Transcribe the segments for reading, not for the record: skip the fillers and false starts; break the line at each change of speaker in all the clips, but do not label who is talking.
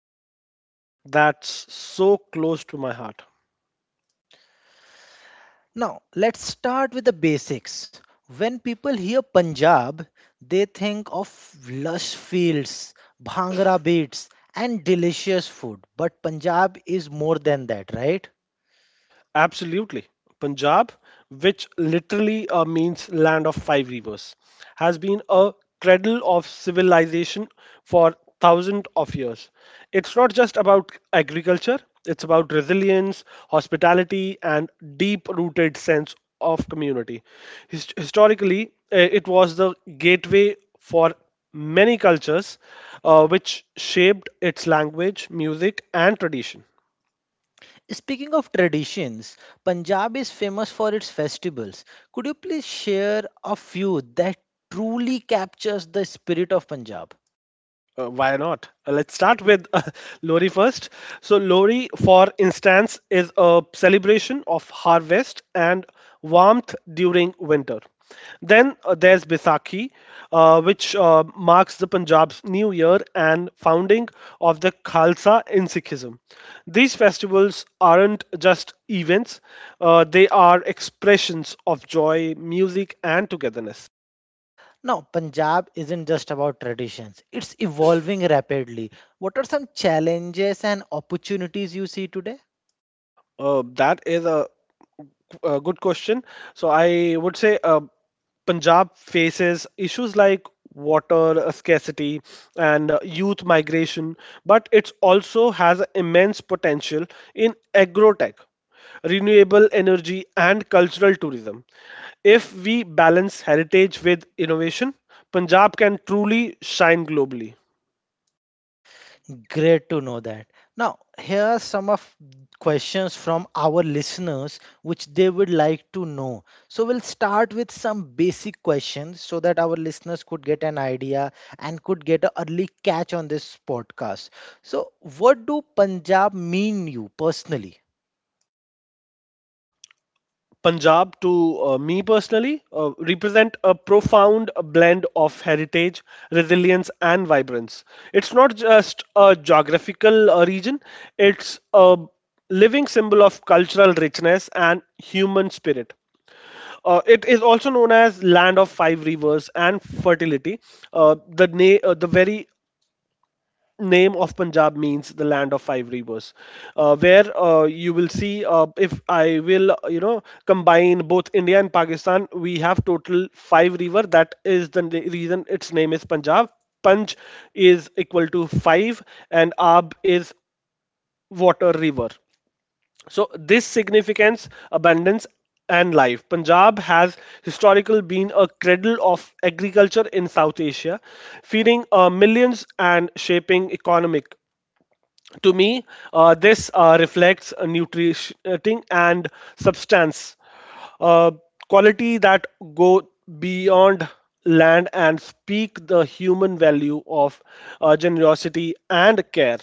about the region that's so close to my heart.
Now, let's start with the basics. When people hear Punjab, they think of lush fields, bhangra beats, and delicious food. But Punjab is more than that, right?
Absolutely. Punjab, which literally means land of five rivers, has been a cradle of civilization for thousands of years. It's not just about agriculture, it's about resilience, hospitality, and deep rooted sense of community. Historically, it was the gateway for many cultures, which shaped its language, music, and tradition.
Speaking of traditions, Punjab is famous for its festivals. Could you please share a few that truly captures the spirit of Punjab?
Why not? Let's start with Lori first. So, Lori, for instance, is a celebration of harvest and warmth during winter. Then there's Baisakhi, which marks the Punjab's new year and founding of the Khalsa in Sikhism. These festivals aren't just events, they are expressions of joy, music, and togetherness.
Now, Punjab isn't just about traditions, it's evolving rapidly. What are some challenges and opportunities you see today?
That is a good question. So I would say Punjab faces issues like water scarcity and youth migration, but it also has immense potential in agrotech, renewable energy, and cultural tourism. If we balance heritage with innovation, Punjab can truly shine globally.
Great to know that. Now, here are some of questions from our listeners which they would like to know. So, we'll start with some basic questions so that our listeners could get an idea and could get an early catch on this podcast. So, what do Punjab mean you personally?
Punjab, to me personally, represent a profound blend of heritage, resilience, and vibrance. It's not just a geographical region, it's a living symbol of cultural richness and human spirit. It is also known as land of five rivers and fertility. The very name of Punjab means the land of five rivers, where you will see if I will combine both India and Pakistan, we have total five river. That is the reason its name is Punjab. Punj is equal to five, and Ab is water river. So this significance, abundance, and life. Punjab has historically been a cradle of agriculture in South Asia, feeding millions and shaping economic to me, this reflects a nutrition and substance uh, quality that go beyond land and speak the human value of generosity and care.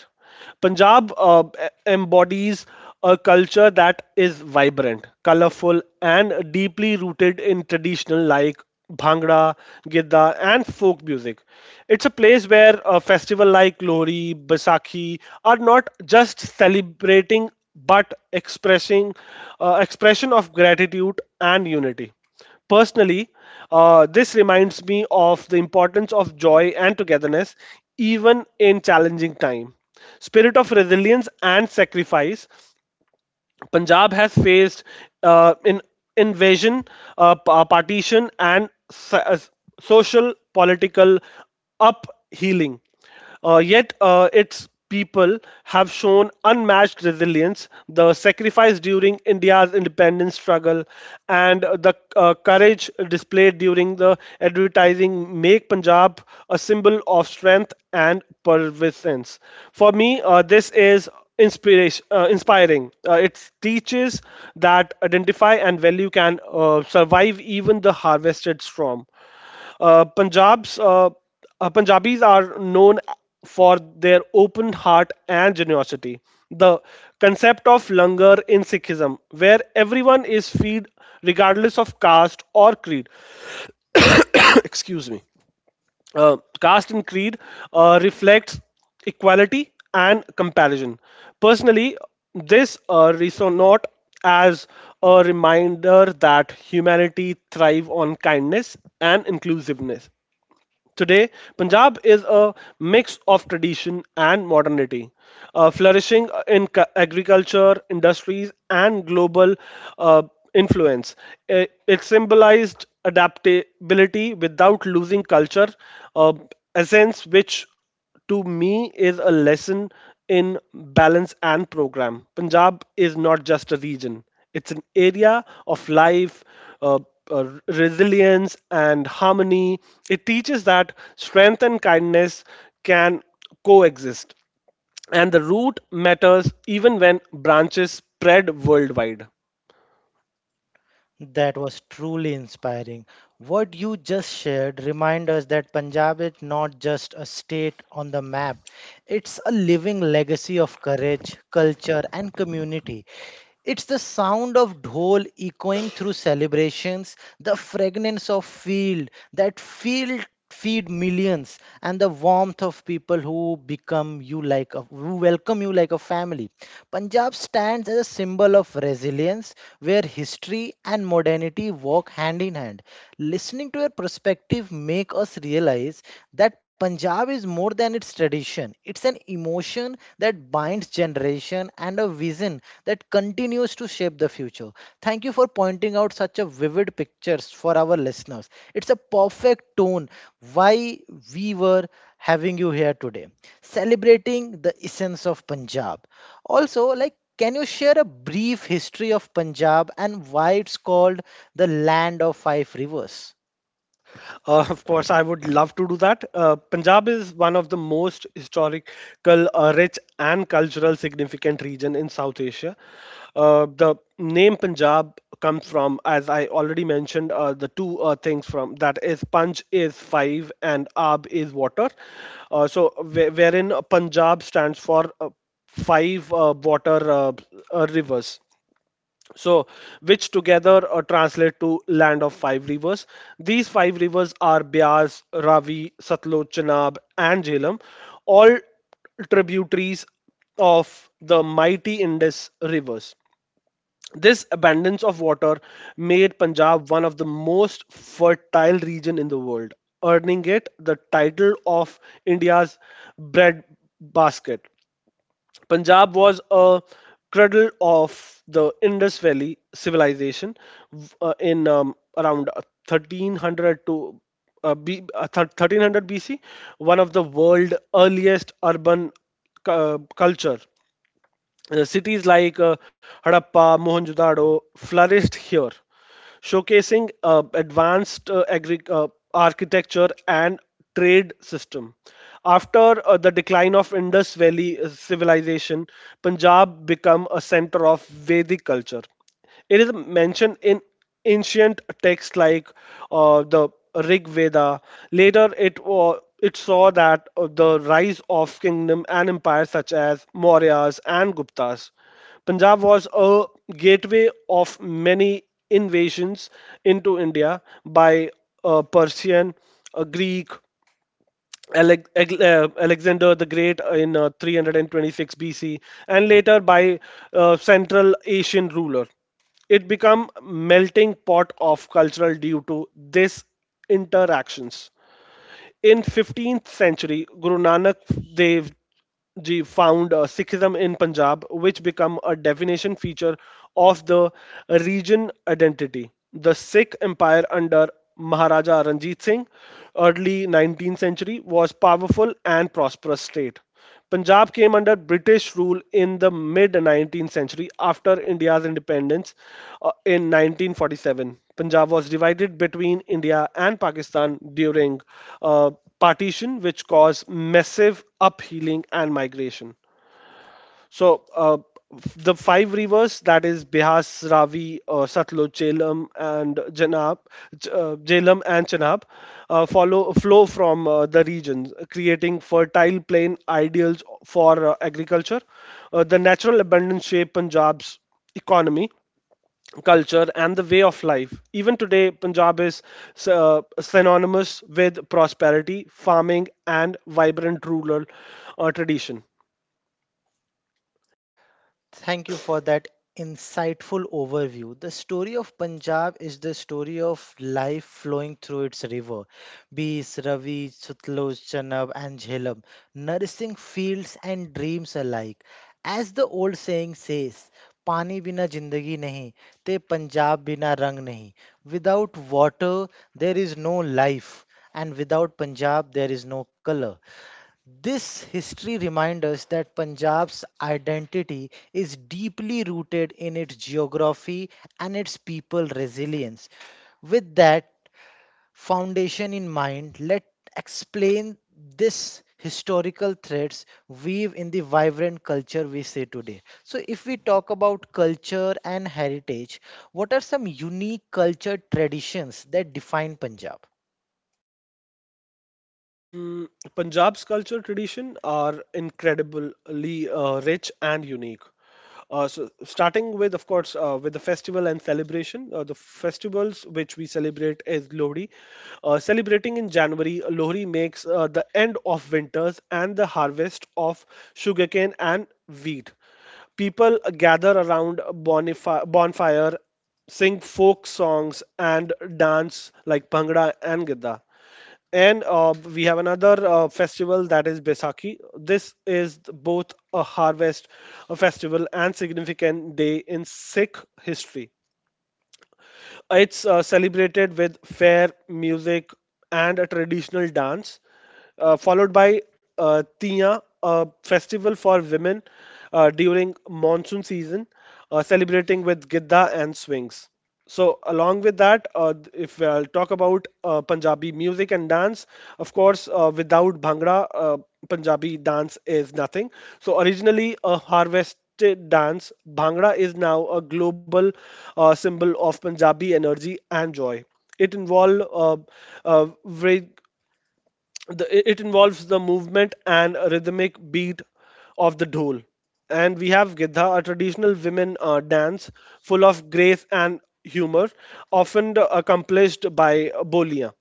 Punjab embodies a culture that is vibrant, colorful, and deeply rooted in traditional like bhangra, gidda, and folk music. It's a place where a festival like Lohri, Baisakhi are not just celebrating but expressing expression of gratitude and unity. Personally, this reminds me of the importance of joy and togetherness even in challenging time spirit of resilience and sacrifice Punjab has faced in invasion, partition, and social political uphealing. Yet its people have shown unmatched resilience, the sacrifice during India's independence struggle, and the courage displayed during the advertising make Punjab a symbol of strength and perseverance. For me, this is inspiration inspiring it teaches that identify and value can survive even the harvested storm punjabs punjabis are known for their open heart and generosity the concept of langar in sikhism where everyone is fed regardless of caste or creed excuse me caste and creed reflects equality and comparison. Personally, this resonates as a reminder that humanity thrive on kindness and inclusiveness. Today, Punjab is a mix of tradition and modernity, flourishing in agriculture, industries, and global uh, influence. It symbolized adaptability without losing culture uh, essence, which to me is a lesson in balance and program. Punjab is not just a region, it's an area of life, uh, resilience, and harmony. It teaches that strength and kindness can coexist, and the root matters even when branches spread worldwide.
That was truly inspiring. What you just shared reminds us that Punjab is not just a state on the map, it's a living legacy of courage, culture, and community. It's the sound of dhol echoing through celebrations, the fragrance of field that field feed millions, and the warmth of people who become you like a, who welcome you like a family. Punjab stands as a symbol of resilience, where history and modernity walk hand in hand. Listening to your perspective make us realize that Punjab is more than its tradition. It's an emotion that binds generation and a vision that continues to shape the future. Thank you for pointing out such a vivid pictures for our listeners. It's a perfect tone why we were having you here today, celebrating the essence of Punjab. Also, like, can you share a brief history of Punjab and why it's called the land of five rivers.
Of course, I would love to do that. Punjab is one of the most historical, rich, and cultural significant region in South Asia. The name Punjab comes from, as I already mentioned, the two things from that is Punj is five and Ab is water. So, wherein Punjab stands for five water rivers so which together translate to land of five rivers. These five rivers are Bias, Ravi, Satluj, Chenab, and Jhelum, all tributaries of the mighty Indus rivers. This abundance of water made Punjab one of the most fertile region in the world, earning it the title of India's bread basket. Punjab was a cradle of the Indus Valley civilization, w- in around 1300 to 1300 BC, one of the world's earliest urban culture. Cities like Harappa, Mohenjo-daro flourished here, showcasing advanced architecture and trade system. After the decline of Indus Valley civilization, Punjab became a center of Vedic culture. It is mentioned in ancient texts like the Rig Veda. Later, it saw that the rise of kingdom and empires such as Mauryas and Guptas. Punjab was a gateway of many invasions into India by Persian, Greek, Alexander the Great in 326 BC, and later by Central Asian ruler. It became melting pot of cultural due to these interactions. In 15th century, Guru Nanak Dev Ji found Sikhism in Punjab, which became a definition feature of the region identity. The Sikh Empire under Maharaja Ranjit Singh, early 19th century, was powerful and prosperous state. Punjab came under British rule in the mid 19th century after India's independence in 1947. Punjab was divided between India and Pakistan during uh, partition, which caused massive uphealing and migration. So the five rivers that is Bihas, Ravi, Satluj, Jhelum, and Janab, Jhelum and Chenab follow flow from the regions, creating fertile plain ideals for agriculture. The natural abundance shape Punjab's economy. Culture and the way of life. Even today, Punjab is synonymous with prosperity, farming, and vibrant rural tradition.
Thank you for that insightful overview. The story of Punjab is the story of life flowing through its river. Bees, Ravi, Sutloj, Chanab, and Jhelum, nourishing fields and dreams alike. As the old saying says, "Pani bina jindagi nahi, te Punjab bina rang nahi." Without water there is no life and without Punjab there is no color. This history reminds us that Punjab's identity is deeply rooted in its geography and its people resilience. With that foundation in mind, let explain this historical threads weave in the vibrant culture we see today. So if we talk about culture and heritage, what are some unique culture traditions that define Punjab?
Mm, Punjab's culture tradition are incredibly rich and unique. So starting with, of course, with the festival and celebration. The festivals which we celebrate is Lohri. Celebrating in January, Lohri makes the end of winters and the harvest of sugarcane and wheat. People gather around a bonfire, sing folk songs, and dance like Bhangra and Gidda. And we have another festival that is Besaki. This is both a harvest a festival and significant day in Sikh history. It's celebrated with fair music and a traditional dance, followed by Tiya, a festival for women during monsoon season, celebrating with Gidda and swings. So, along with that, if I'll talk about Punjabi music and dance, of course, without Bhangra, Punjabi dance is nothing. So, originally a harvest dance, Bhangra is now a global symbol of Punjabi energy and joy. It involve uh, very- it involves the movement and a rhythmic beat of the dhol. And we have Gidha, a traditional women dance full of grace and humor, often accomplished by boliya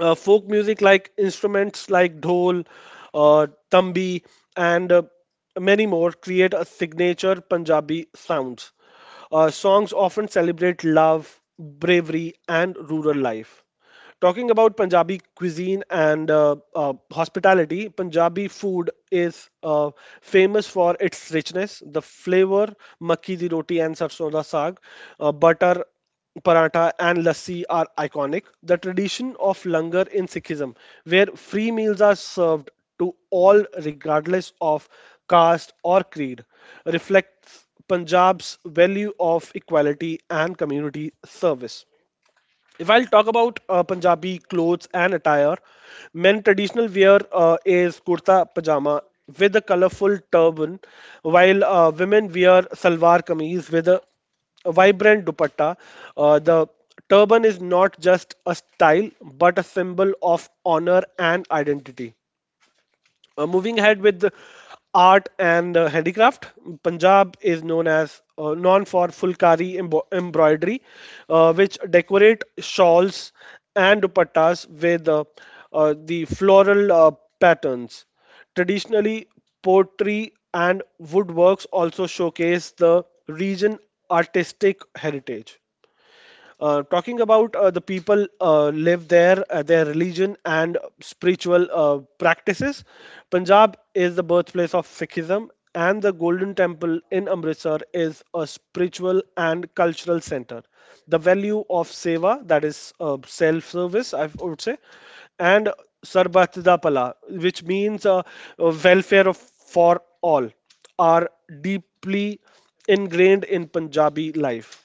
folk music like instruments like dhol, tambi, and many more create a signature Punjabi sounds. Songs often celebrate love, bravery, and rural life. Talking about Punjabi cuisine and hospitality, Punjabi food is famous for its richness. The flavor, makki di roti and sarson da saag, butter paratha and lassi are iconic. The tradition of langar in Sikhism, where free meals are served to all regardless of caste or creed, reflects Punjab's value of equality and community service. If I'll talk about Punjabi clothes and attire, men traditional wear is kurta pajama with a colorful turban, while women wear salwar kameez with a vibrant dupatta. The turban is not just a style but a symbol of honor and identity. Moving ahead with the art and handicraft, Punjab is known for fulkari embo embroidery, which decorate shawls and dupattas with the floral patterns. Traditionally, pottery and woodworks also showcase the region artistic heritage. Talking about the people live there, their religion and spiritual practices. Punjab is the birthplace of Sikhism, and the Golden Temple in Amritsar is a spiritual and cultural center. The value of seva, that is self-service, I would say, and sarbatda pala, which means welfare of, for all, are deeply ingrained in Punjabi life.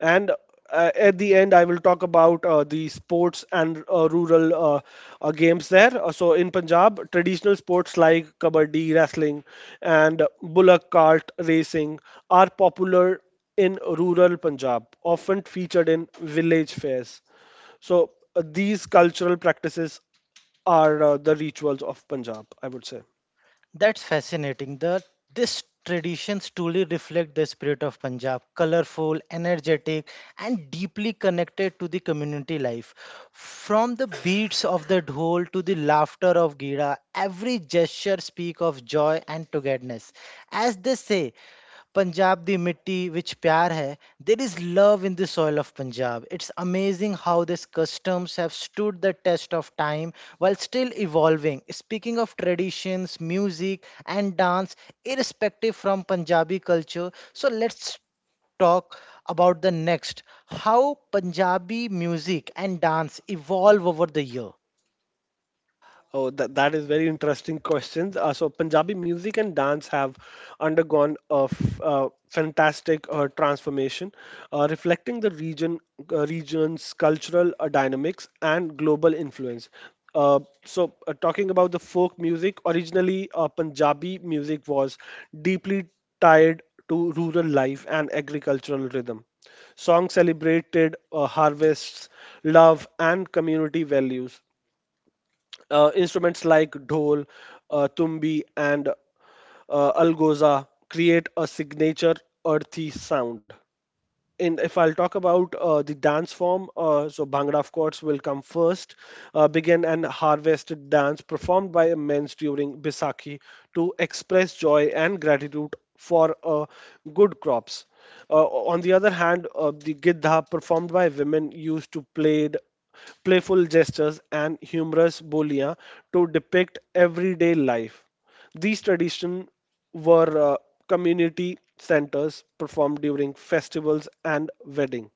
And at the end, I will talk about the sports and rural games there. So in Punjab, traditional sports like kabaddi, wrestling, and bullock cart racing are popular in rural Punjab, often featured in village fairs. So these cultural practices are the rituals of Punjab, I would say.
That's fascinating. The this traditions truly reflect the spirit of Punjab, colorful, energetic, and deeply connected to the community life. From the beats of the dhol to the laughter of Gira, every gesture speak of joy and togetherness. As they say, Punjab, the mitti which pyar hai, there is love in the soil of Punjab. It's amazing how these customs have stood the test of time while still evolving. Speaking of traditions, music, and dance, irrespective from Punjabi culture, so let's talk about the next how Punjabi music and dance evolve over the year.
Oh, that is very interesting questions. So Punjabi music and dance have undergone a fantastic transformation, reflecting the region's cultural dynamics and global influence. Talking about the folk music, originally Punjabi music was deeply tied to rural life and agricultural rhythm. Songs celebrated harvests, love, and community values instruments like dhol, tumbi, and algoza create a signature earthy sound in if I'll talk about the dance form, so Bhangra, of course, will come first. Begin and harvested dance performed by immense during Baisakhi to express joy and gratitude for good crops. On the other hand, the Gidha performed by women used to played playful gestures and humorous bolia to depict everyday life. These traditions were community centers performed during festivals and wedding.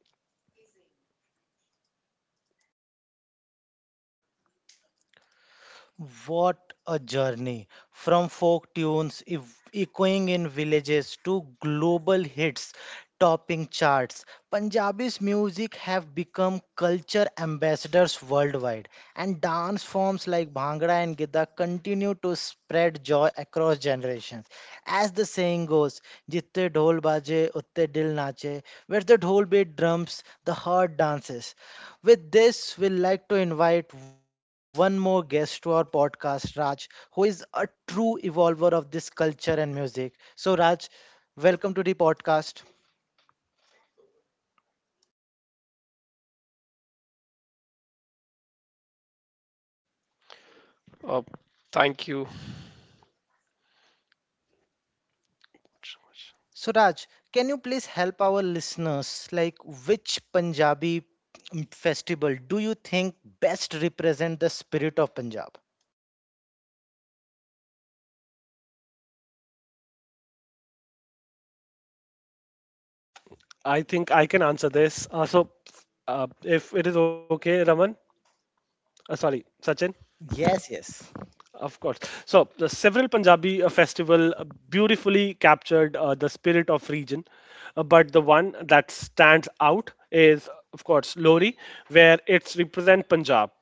What a journey from folk tunes echoing in villages to global hits topping charts. Punjabi's music have become culture ambassadors worldwide, and dance forms like Bhangra and Gidda continue to spread joy across generations. As the saying goes, "Jitte dhol baje, utte dil nache." Where the dhol beat drums, the heart dances. With this, we'd like to invite one more guest to our podcast, Raj, who is a true evolver of this culture and music. So, Raj, welcome to the podcast.
Uh, Thank you so much.
So, Raj, can you please help our listeners, like which Punjabi festival do you think best represent the spirit of Punjab?
I think I can answer this. If it is okay, Raman, sorry, Sachin,
Yes, yes.
of course. So, the several Punjabi festival beautifully captured the spirit of region, but the one that stands out is, of course, Lori, where it's represent Punjab.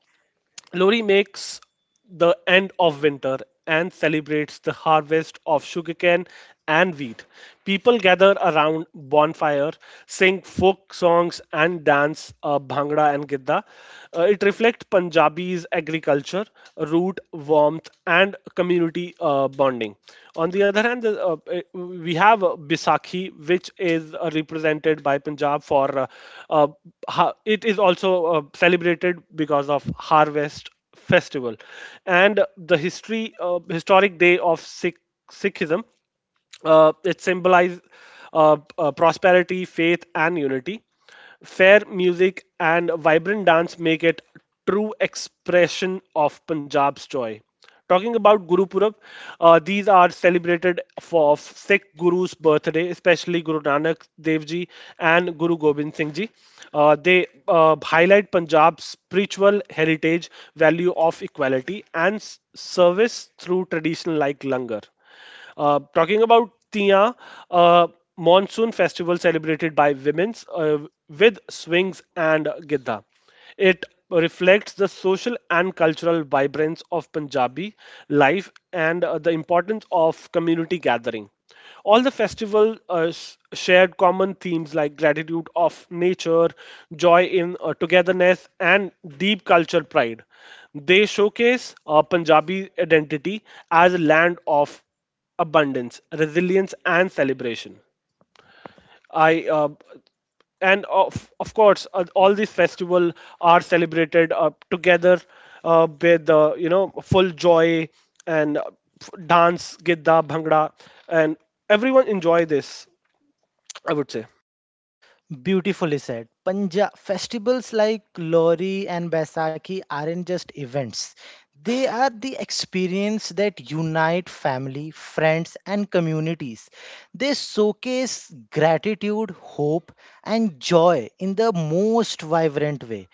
Lori makes the end of winter and celebrates the harvest of sugarcane and wheat. People gather around bonfire, sing folk songs and dance bhangra and gidda. It reflects Punjabi's agriculture, root, warmth and community bonding. On the other hand, we have Bisakhi, which is represented by Punjab for uh, it is also celebrated because of harvest festival and the history historic day of Sikhism, it symbolizes prosperity, faith, and unity. Fair music and vibrant dance make it true expression of Punjab's joy. Talking about Guru Purab, these are celebrated for Sikh Guru's birthday, especially Guru Nanak Dev Ji and Guru Gobind Singh Ji. They highlight Punjab's spiritual heritage, value of equality, and service through tradition like langar. Talking about Tia, uh, monsoon festival celebrated by women's with swings and gidda. It reflects the social and cultural vibrance of Punjabi life and the importance of community gathering. All the festival shared common themes like gratitude of nature, joy in togetherness, and deep cultural pride. They showcase Punjabi identity as a land of abundance, resilience, and celebration. I and of course all these festivals are celebrated together with full joy and dance, gidda, bhangra, and everyone enjoy this, I would say.
Beautifully said. Punjab festivals like Lori and Baisakhi aren't just events. They are the experience that unite family, friends and communities. They showcase gratitude, hope and joy in the most vibrant way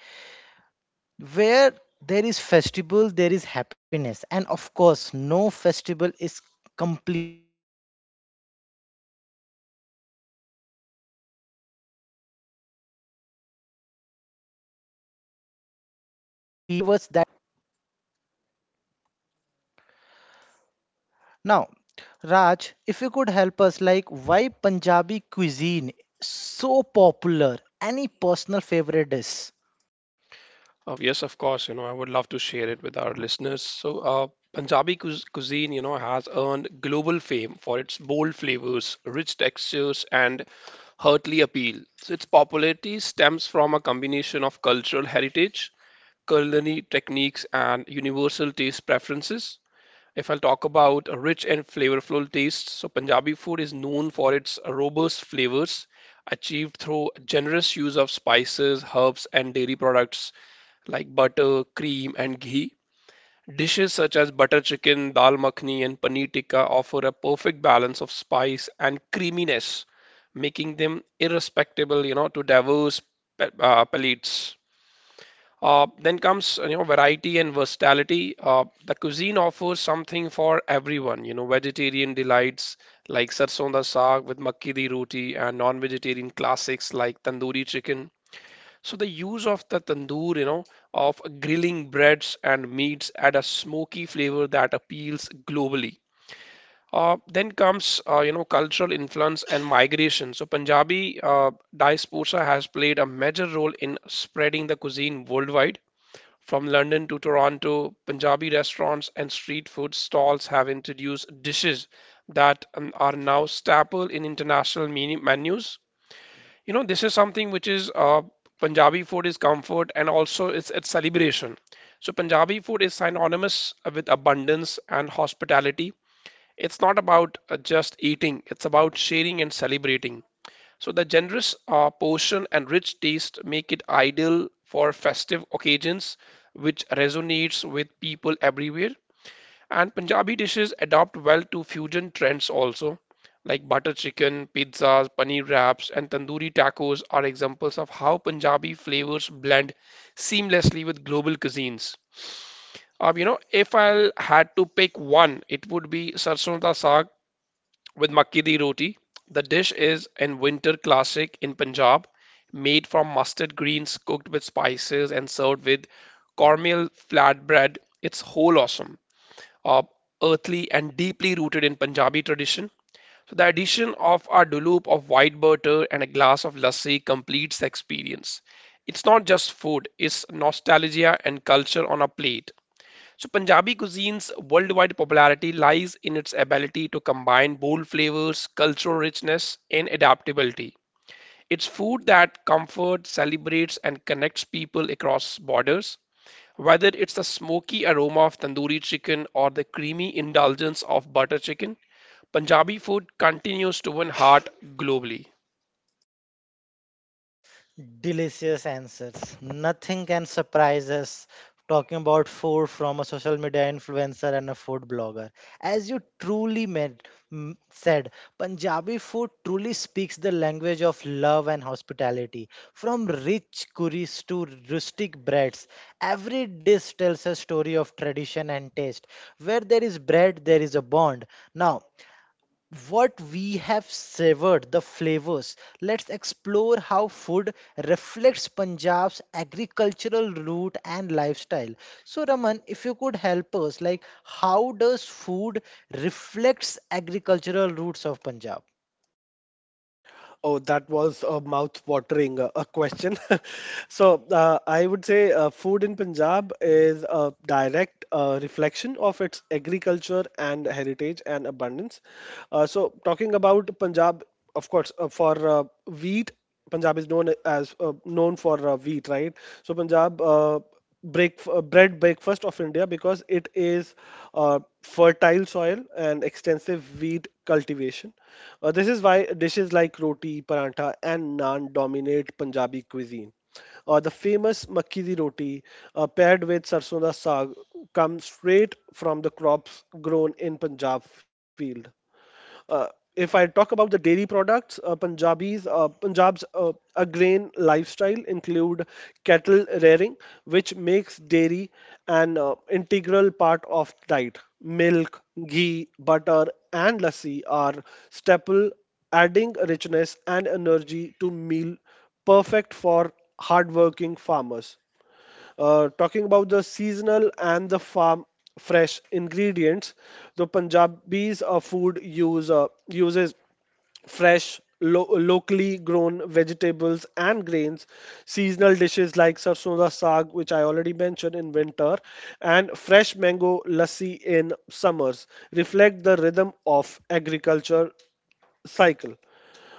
where there is festival there is happiness, and of course no festival is complete without food. So let's talk about the flavors that make Punjab famous now. Raj, if you could help us, like why Punjabi cuisine so popular? Any personal favorite dish?
Yes, of course. I would love to share it with our listeners. So, Punjabi cu cuisine, has earned global fame for its bold flavors, rich textures, and heartly appeal. So, its popularity stems from a combination of cultural heritage, culinary techniques, and universal taste preferences. If I'll talk about a rich and flavorful taste, so Punjabi food is known for its robust flavors achieved through generous use of spices, herbs, and dairy products like butter, cream, and ghee. Dishes such as butter chicken, dal makhani, and paneer tikka offer a perfect balance of spice and creaminess, making them irrespectable, you know, to diverse palates. Then comes, you know, variety and versatility. The cuisine offers something for everyone. You know, vegetarian delights like sarson da saag with makki di roti and non-vegetarian classics like tandoori chicken. So the use of the tandoor, you know, of grilling breads and meats add a smoky flavor that appeals globally. Then comes you know, cultural influence and migration. So Punjabi diaspora has played a major role in spreading the cuisine worldwide from London to Toronto. Punjabi restaurants and street food stalls have introduced dishes that are now staple in international menus. You know, this is something which is Punjabi food is comfort and also it's celebration. So Punjabi food is synonymous with abundance and hospitality. It's not about just eating; it's about sharing and celebrating. So the generous portion and rich taste make it ideal for festive occasions, which resonates with people everywhere. And Punjabi dishes adapt well to fusion trends also, like butter chicken, pizzas, paneer wraps, and tandoori tacos are examples of how Punjabi flavors blend seamlessly with global cuisines. You know, if I had to pick one, it would be sarson da saag with makki di roti. The dish is a winter classic in Punjab, made from mustard greens cooked with spices and served with cornmeal flatbread. It's whole awesome, uh, earthly and deeply rooted in Punjabi tradition. So the addition of our dulup of white butter and a glass of lassi completes the experience. It's not just food, it's nostalgia and culture on a plate. So, Punjabi cuisine's worldwide popularity lies in its ability to combine bold flavors, cultural richness, and adaptability. It's food that comforts, celebrates, and connects people across borders. Whether it's the smoky aroma of tandoori chicken or the creamy indulgence of butter chicken, Punjabi food continues to win heart globally.
Delicious answers. Nothing can surprise us talking about food from a social media influencer and a food blogger. As you truly meant, said, Punjabi food truly speaks the language of love and hospitality. From rich curries to rustic breads, every dish tells a story of tradition and taste. Where there is bread, there is a bond. Now, what we have savored, the flavors. Let's explore how food reflects Punjab's agricultural root and lifestyle. So, Raman, if you could help us, like how does food reflects agricultural roots of Punjab?
Oh, that was a mouth-watering a question. So, I would say food in Punjab is a direct reflection of its agriculture and heritage and abundance. Talking about Punjab, of course, for wheat, Punjab is known for wheat, right? So, Punjab. Break Bread breakfast of India because it is fertile soil and extensive wheat cultivation. This is why dishes like roti, parantha, and naan dominate Punjabi cuisine. The famous makki di roti paired with sarson da saag comes straight from the crops grown in Punjab field. Uh, if I talk about the dairy products, Punjab's agrarian lifestyle include cattle rearing, which makes dairy an integral part of diet. Milk, ghee, butter, and lassi are staple, adding richness and energy to meal, perfect for hardworking farmers. Talking about the seasonal and the farm fresh ingredients, the Punjabis food use uses fresh locally grown vegetables and grains seasonal dishes like sarson da saag which I already mentioned in winter and fresh mango lassi in summers reflect the rhythm of agriculture cycle.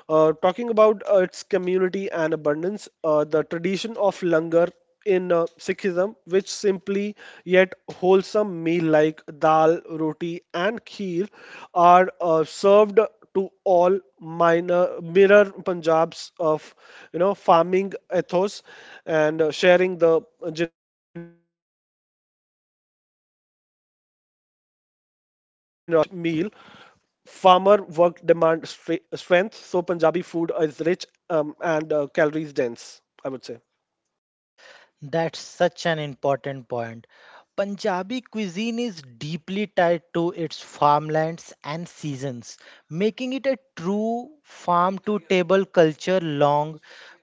Talking about its community and abundance, the tradition of langar in Sikhism, which simply yet wholesome meal like dal, roti, and kheer are served to all minor mirror Punjab's of you know farming ethos and sharing the generosity. Talking about hearty and energy rich meal, farmer work demand strength, so Punjabi food is rich and calories dense, I would say.
That's such an important point. Punjabi cuisine is deeply tied to its farmlands and seasons, making it a true farm to table culture long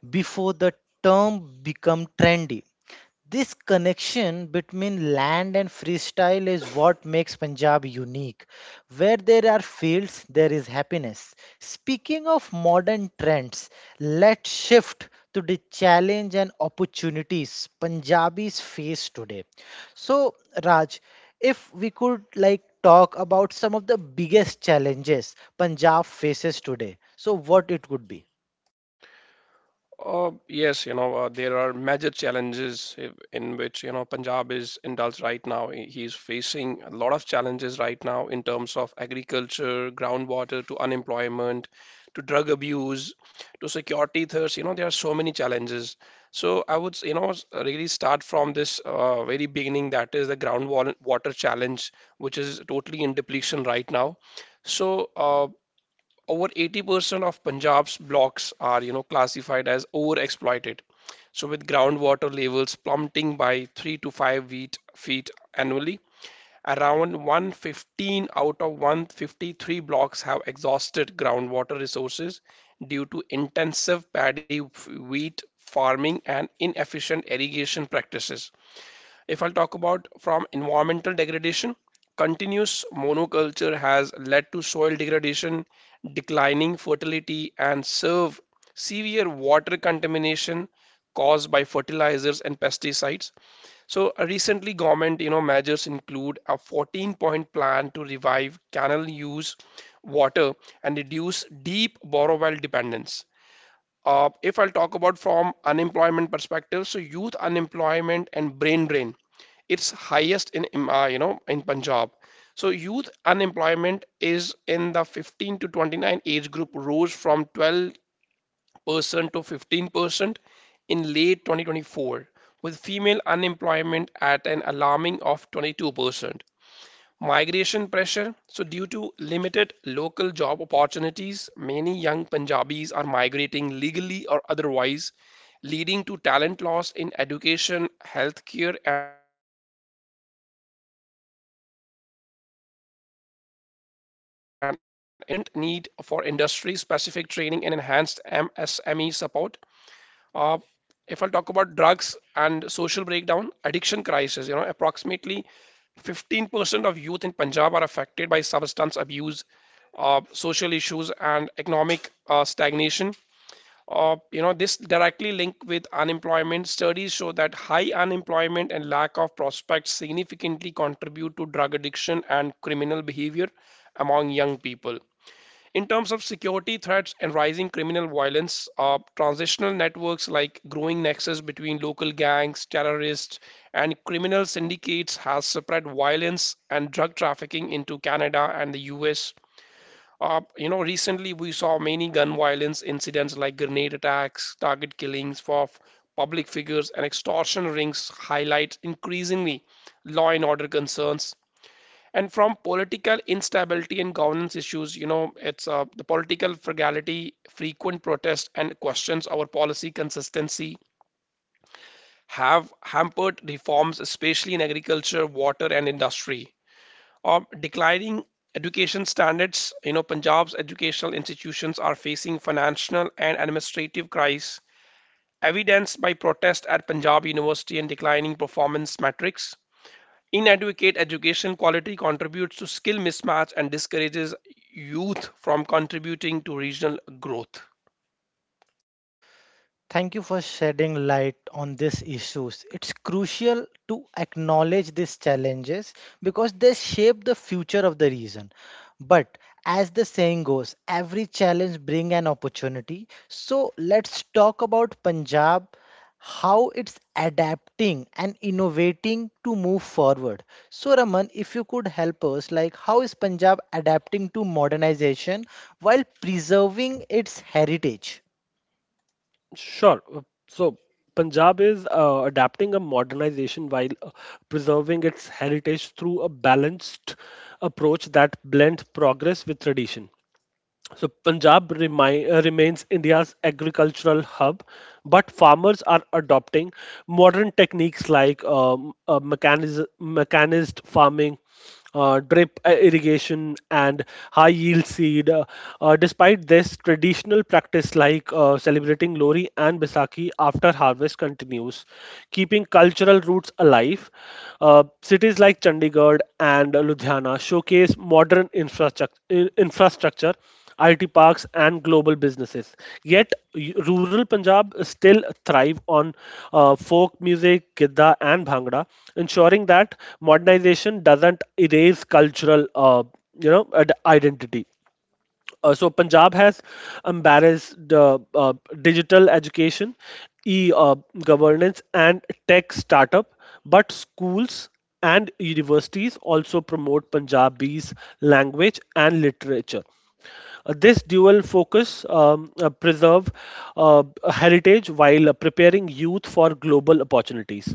before the term became trendy. This connection between land and freestyle is what makes Punjab unique. Where there are fields, there is happiness. Speaking of modern trends, let's shift to the challenge and opportunities Punjabis face today. So, Raj, if we could like talk about some of the biggest challenges Punjab faces today, so what it would be?
Yes, you know, there are major challenges in which, you know, Punjab is indulged right now. He is facing a lot of challenges right now in terms of agriculture, groundwater, to unemployment, to drug abuse, to security thirst. You know, there are so many challenges. So I would, you know, really start from this very beginning, that is the groundwater water challenge, which is totally in depletion right now. So, over 80% of Punjab's blocks are, you know, classified as overexploited. So with groundwater levels plummeting by 3 to 5 feet annually, around 115 out of 153 blocks have exhausted groundwater resources due to intensive paddy wheat farming and inefficient irrigation practices. If I'll talk about from environmental degradation, continuous monoculture has led to soil degradation, declining fertility, and serve severe water contamination caused by fertilizers and pesticides. So recently government, you know, measures include a 14 point plan to revive canal use water and reduce deep borrow well dependence. If I'll talk about from unemployment perspective, so youth unemployment and brain drain, it's highest in you know, in Punjab. So youth unemployment is in the 15 to 29 age group rose from 12% to 15% in late 2024, with female unemployment at an alarming of 22%. Migration pressure. So, due to limited local job opportunities, many young Punjabis are migrating legally or otherwise, leading to talent loss in education, healthcare, and innovation. Economic experts highlight the urgent need for industry specific training and enhanced MSME support. Uh, if I'll talk about drugs and social breakdown, addiction crisis, you know, approximately 15% of youth in Punjab are affected by substance abuse, social issues, and economic stagnation. You know, this directly linked with unemployment. Studies show that high unemployment and lack of prospects significantly contribute to drug addiction and criminal behavior among young people. In terms of security threats and rising criminal violence, transnational networks like growing nexus between local gangs, terrorists, and criminal syndicates has spread violence and drug trafficking into Canada and the US. You know, recently we saw many gun violence incidents like grenade attacks, target killings for public figures, and extortion rings highlight increasingly law and order concerns. And from political instability and governance issues, you know, it's the political frugality, frequent protests and questions over policy consistency have hampered reforms especially in agriculture, water and industry. Declining education standards, you know, Punjab's educational institutions are facing financial and administrative crisis, evidenced by protest at Punjab University and declining performance metrics. Inadequate education quality contributes to skill mismatch and discourages youth from contributing to regional growth.
Thank you for shedding light on these issues. It's crucial to acknowledge these challenges because they shape the future of the region. But as the saying goes, every challenge brings an opportunity. So let's talk about Punjab, how it's adapting and innovating to move forward. So Raman, if you could help us, like how is Punjab adapting to modernization while preserving its heritage?
Sure. So Punjab is adapting a modernization while preserving its heritage through a balanced approach that blends progress with tradition. So Punjab remains India's agricultural hub, but farmers are adopting modern techniques like mechanized farming, drip irrigation, and high yield seed. Despite this, traditional practice like celebrating Lori and Baisakhi after harvest continues, keeping cultural roots alive. Cities like Chandigarh and Ludhiana showcase modern infrastructure IT parks, and global businesses. Yet rural Punjab still thrive on folk music, gidda, and bhangra, ensuring that modernization doesn't erase cultural, identity. Punjab has embraced digital education, e-governance, and tech startup, but schools and universities also promote Punjabi's language and literature. This dual focus preserve uh, heritage while preparing youth for global opportunities.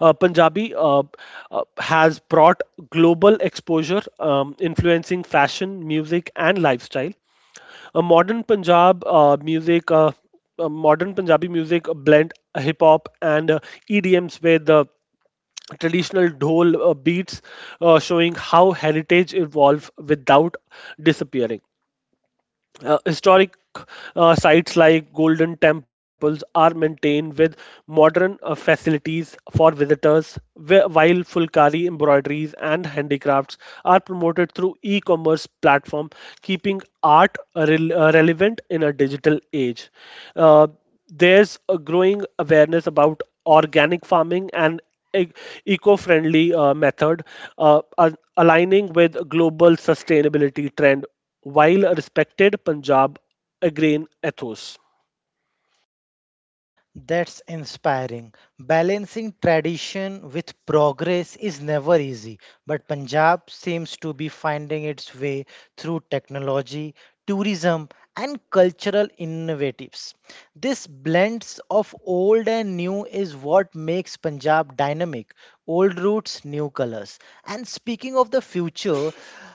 Punjabi has brought global exposure, influencing fashion, music, and lifestyle. A modern Punjab music, Modern Punjabi music blend hip hop and EDMs with traditional dhol beats, showing how heritage evolve without disappearing. Historic sites like golden temples are maintained with modern facilities for visitors, while fulkari embroideries and handicrafts are promoted through e-commerce platform, keeping art relevant in a digital age. Uh, there's a growing awareness about organic farming and e- eco-friendly method aligning with global sustainability trend while a respected Punjab agrarian ethos.
That's inspiring. Balancing tradition with progress is never easy, but Punjab seems to be finding its way through technology, tourism, and cultural innovatives. This blends of old and new is what makes Punjab dynamic. Old roots, new colors. And speaking of the future,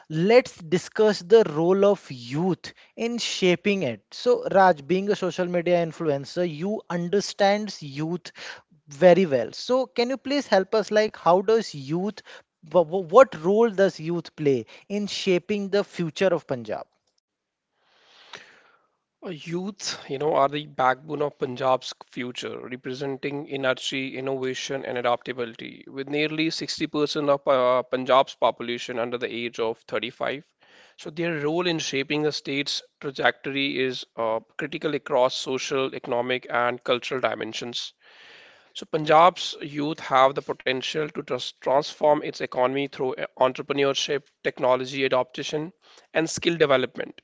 let's discuss the role of youth in shaping it. So, Raj, being a social media influencer, you understands youth very well. So, can you please help us? Like, how does youth, what role does youth play in shaping the future of Punjab?
Youth, you know, are the backbone of Punjab's future, representing energy, innovation, and adaptability. With nearly 60% of Punjab's population under the age of 35, so their role in shaping the state's trajectory is critical across social, economic, and cultural dimensions. So Punjab's youth have the potential to transform its economy through entrepreneurship, technology adoption, and skill development.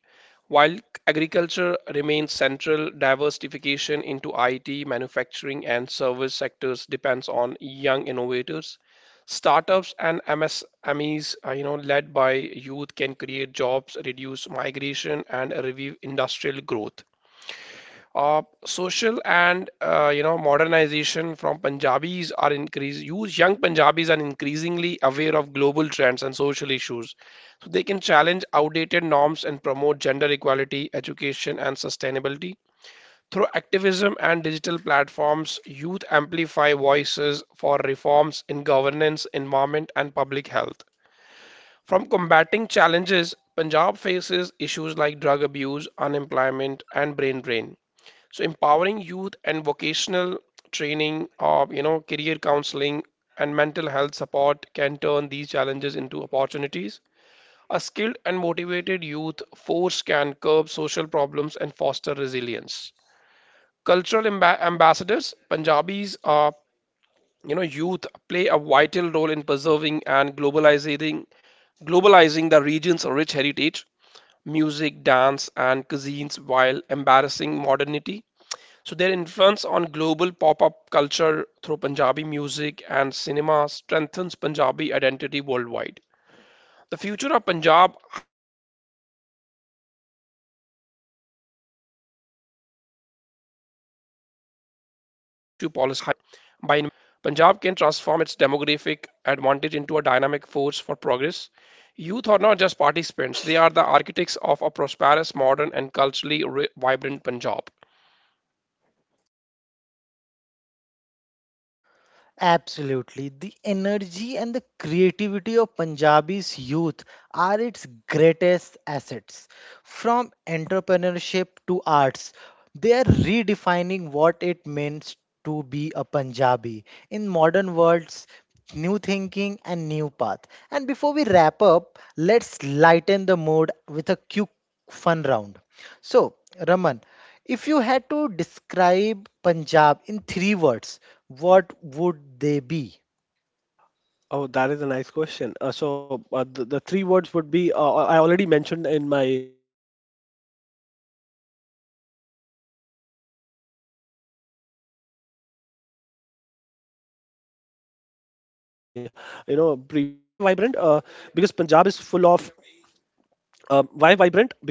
While agriculture remains central, diversification into IT, manufacturing, and service sectors depends on young innovators. Startups and MSMEs, you know, led by youth, can create jobs, reduce migration, and revive industrial growth. Social and you know, modernization from Punjabis are increase. Use young Punjabis are increasingly aware of global trends and social issues, so they can challenge outdated norms and promote gender equality, education, and sustainability. Through activism and digital platforms, youth amplify voices for reforms in governance, environment, and public health. From combating challenges, Punjab faces issues like drug abuse, unemployment, and brain drain. So empowering youth and vocational training or, you know, career counseling and mental health support can turn these challenges into opportunities. A skilled and motivated youth force can curb social problems and foster resilience. Cultural ambassadors, Punjabis are, you know, youth play a vital role in preserving and globalizing the region's rich heritage, music, dance, and cuisines while embarrassing modernity. So their influence on global pop-up culture through Punjabi music and cinema strengthens Punjabi identity worldwide. The future of Punjab hinges, you know, on how effectively it harnesses its youth power. By investing in education, skill building, and inclusive policies, Punjab can transform its demographic advantage into a dynamic force for progress. Youth are not just participants, they are the architects of a prosperous, modern, and culturally vibrant Punjab.
Absolutely. The energy and the creativity of Punjabi's youth are its greatest assets. From entrepreneurship to arts, they are redefining what it means to be a Punjabi in modern worlds, new thinking and new path. And before we wrap up, let's lighten the mood with a quick fun round. So, Raman, if you had to describe Punjab in three words, what would they be?
Oh, that is a nice question. The three words would be I already mentioned in my you know previous speeches as well. It would be vibrant, resilient, and hospitality. Why vibrant? Because Punjab is full of Why vibrant? Because Punjab is full of life and color.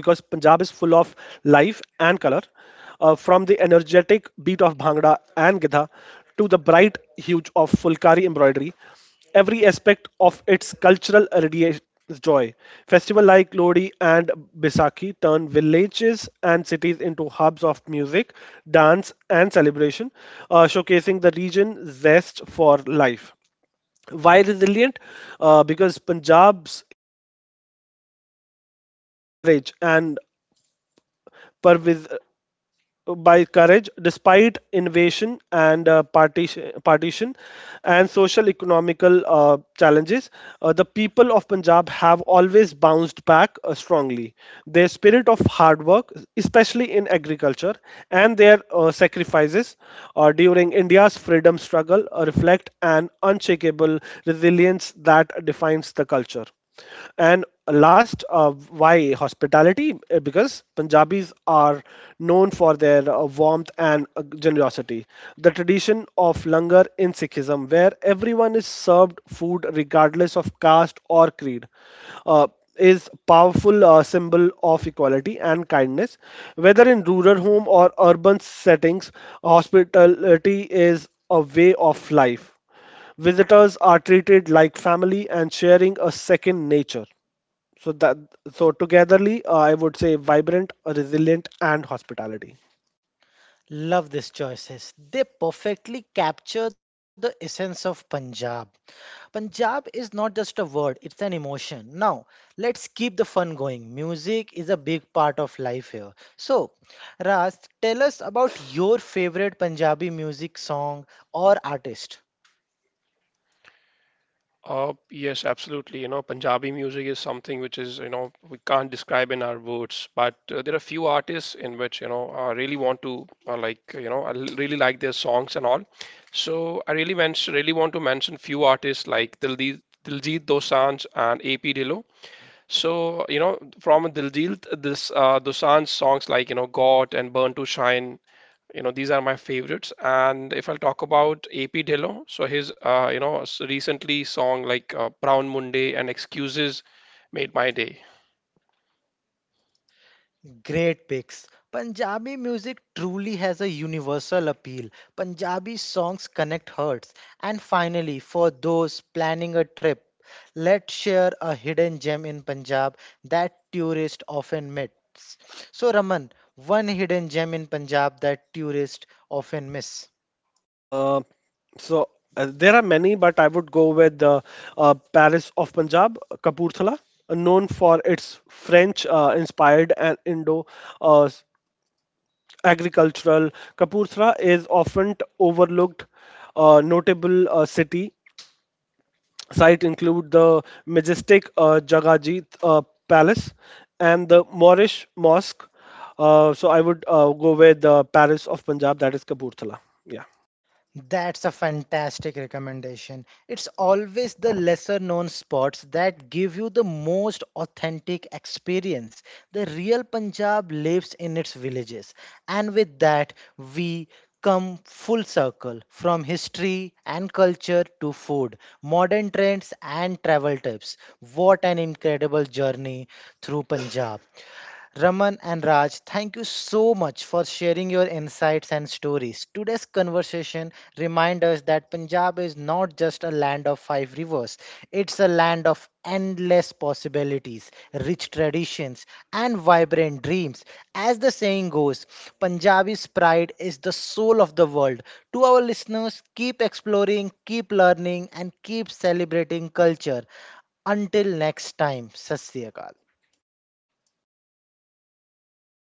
From the energetic beat of Bhangra and Gidha to the bright hue of Fulkari embroidery, every aspect of its cultural radiates joy. Festival like Lodi and Bisaki turn villages and cities into hubs of music, dance, and celebration, showcasing the region's zest for life. Why resilient? Because Punjab's history is marked by courage and pervis- by courage despite invasion and partition and social economical challenges. The people of Punjab have always bounced back strongly. Their spirit of hard work, especially in agriculture, and their sacrifices during India's freedom struggle reflect an unshakable resilience that defines the culture. And last, why hospitality? Because Punjabis are known for their warmth and generosity. The tradition of langar in Sikhism, where everyone is served food regardless of caste or creed, uh, is powerful symbol of equality and kindness. Whether in rural home or urban settings, hospitality is a way of life. Visitors are treated like family and sharing a second nature. So that so togetherly, I would say vibrant, resilient, and hospitality.
Love these choices. They perfectly capture the essence of Punjab. Punjab is not just a word, it's an emotion. Now, let's keep the fun going. Music is a big part of life here. So, Ras, tell us about your favorite Punjabi music song or artist.
Yes, absolutely. You know, Punjabi music is something which is, you know, we can't describe in our words, but there are few artists in which, you know, I really want to like, you know, really like their songs and all. So really want to mention few artists like Diljit Dosanjh and AP Dillo. So, you know, from Diljit, this Dosanjh songs like, you know, God and Burn to Shine, you know these are my favorites. And if I'll talk about AP Dillon, so his, you know, recently song like Brown Monday and Excuses made my day.
Great picks. Punjabi music truly has a universal appeal. Punjabi songs connect hearts. And finally, for those planning a trip, let's share a hidden gem in Punjab that tourists often miss. So, Raman, one hidden gem in Punjab that tourists often miss.
Uh, so there are many, but I would go with Paris of Punjab, Kapurthala, known for its French-inspired and Indo. Uh, s- Agricultural Kapurthala is often overlooked, notable city. Sites include the majestic Jagajit Palace and the Moorish Mosque. So I would go with the Paris of Punjab, that is Kapoorthala. Yeah.
That's a fantastic recommendation. It's always the lesser known spots that give you the most authentic experience. The real Punjab lives in its villages. And with that, we come full circle from history and culture to food, modern trends and travel tips. What an incredible journey through Punjab. Raman and Raj, thank you so much for sharing your insights and stories. Today's conversation reminds us that Punjab is not just a land of five rivers, it's a land of endless possibilities, rich traditions, and vibrant dreams. As the saying goes, Punjabi's pride is the soul of the world. To our listeners, keep exploring, keep learning, and keep celebrating culture. Until next time, Sasyakal.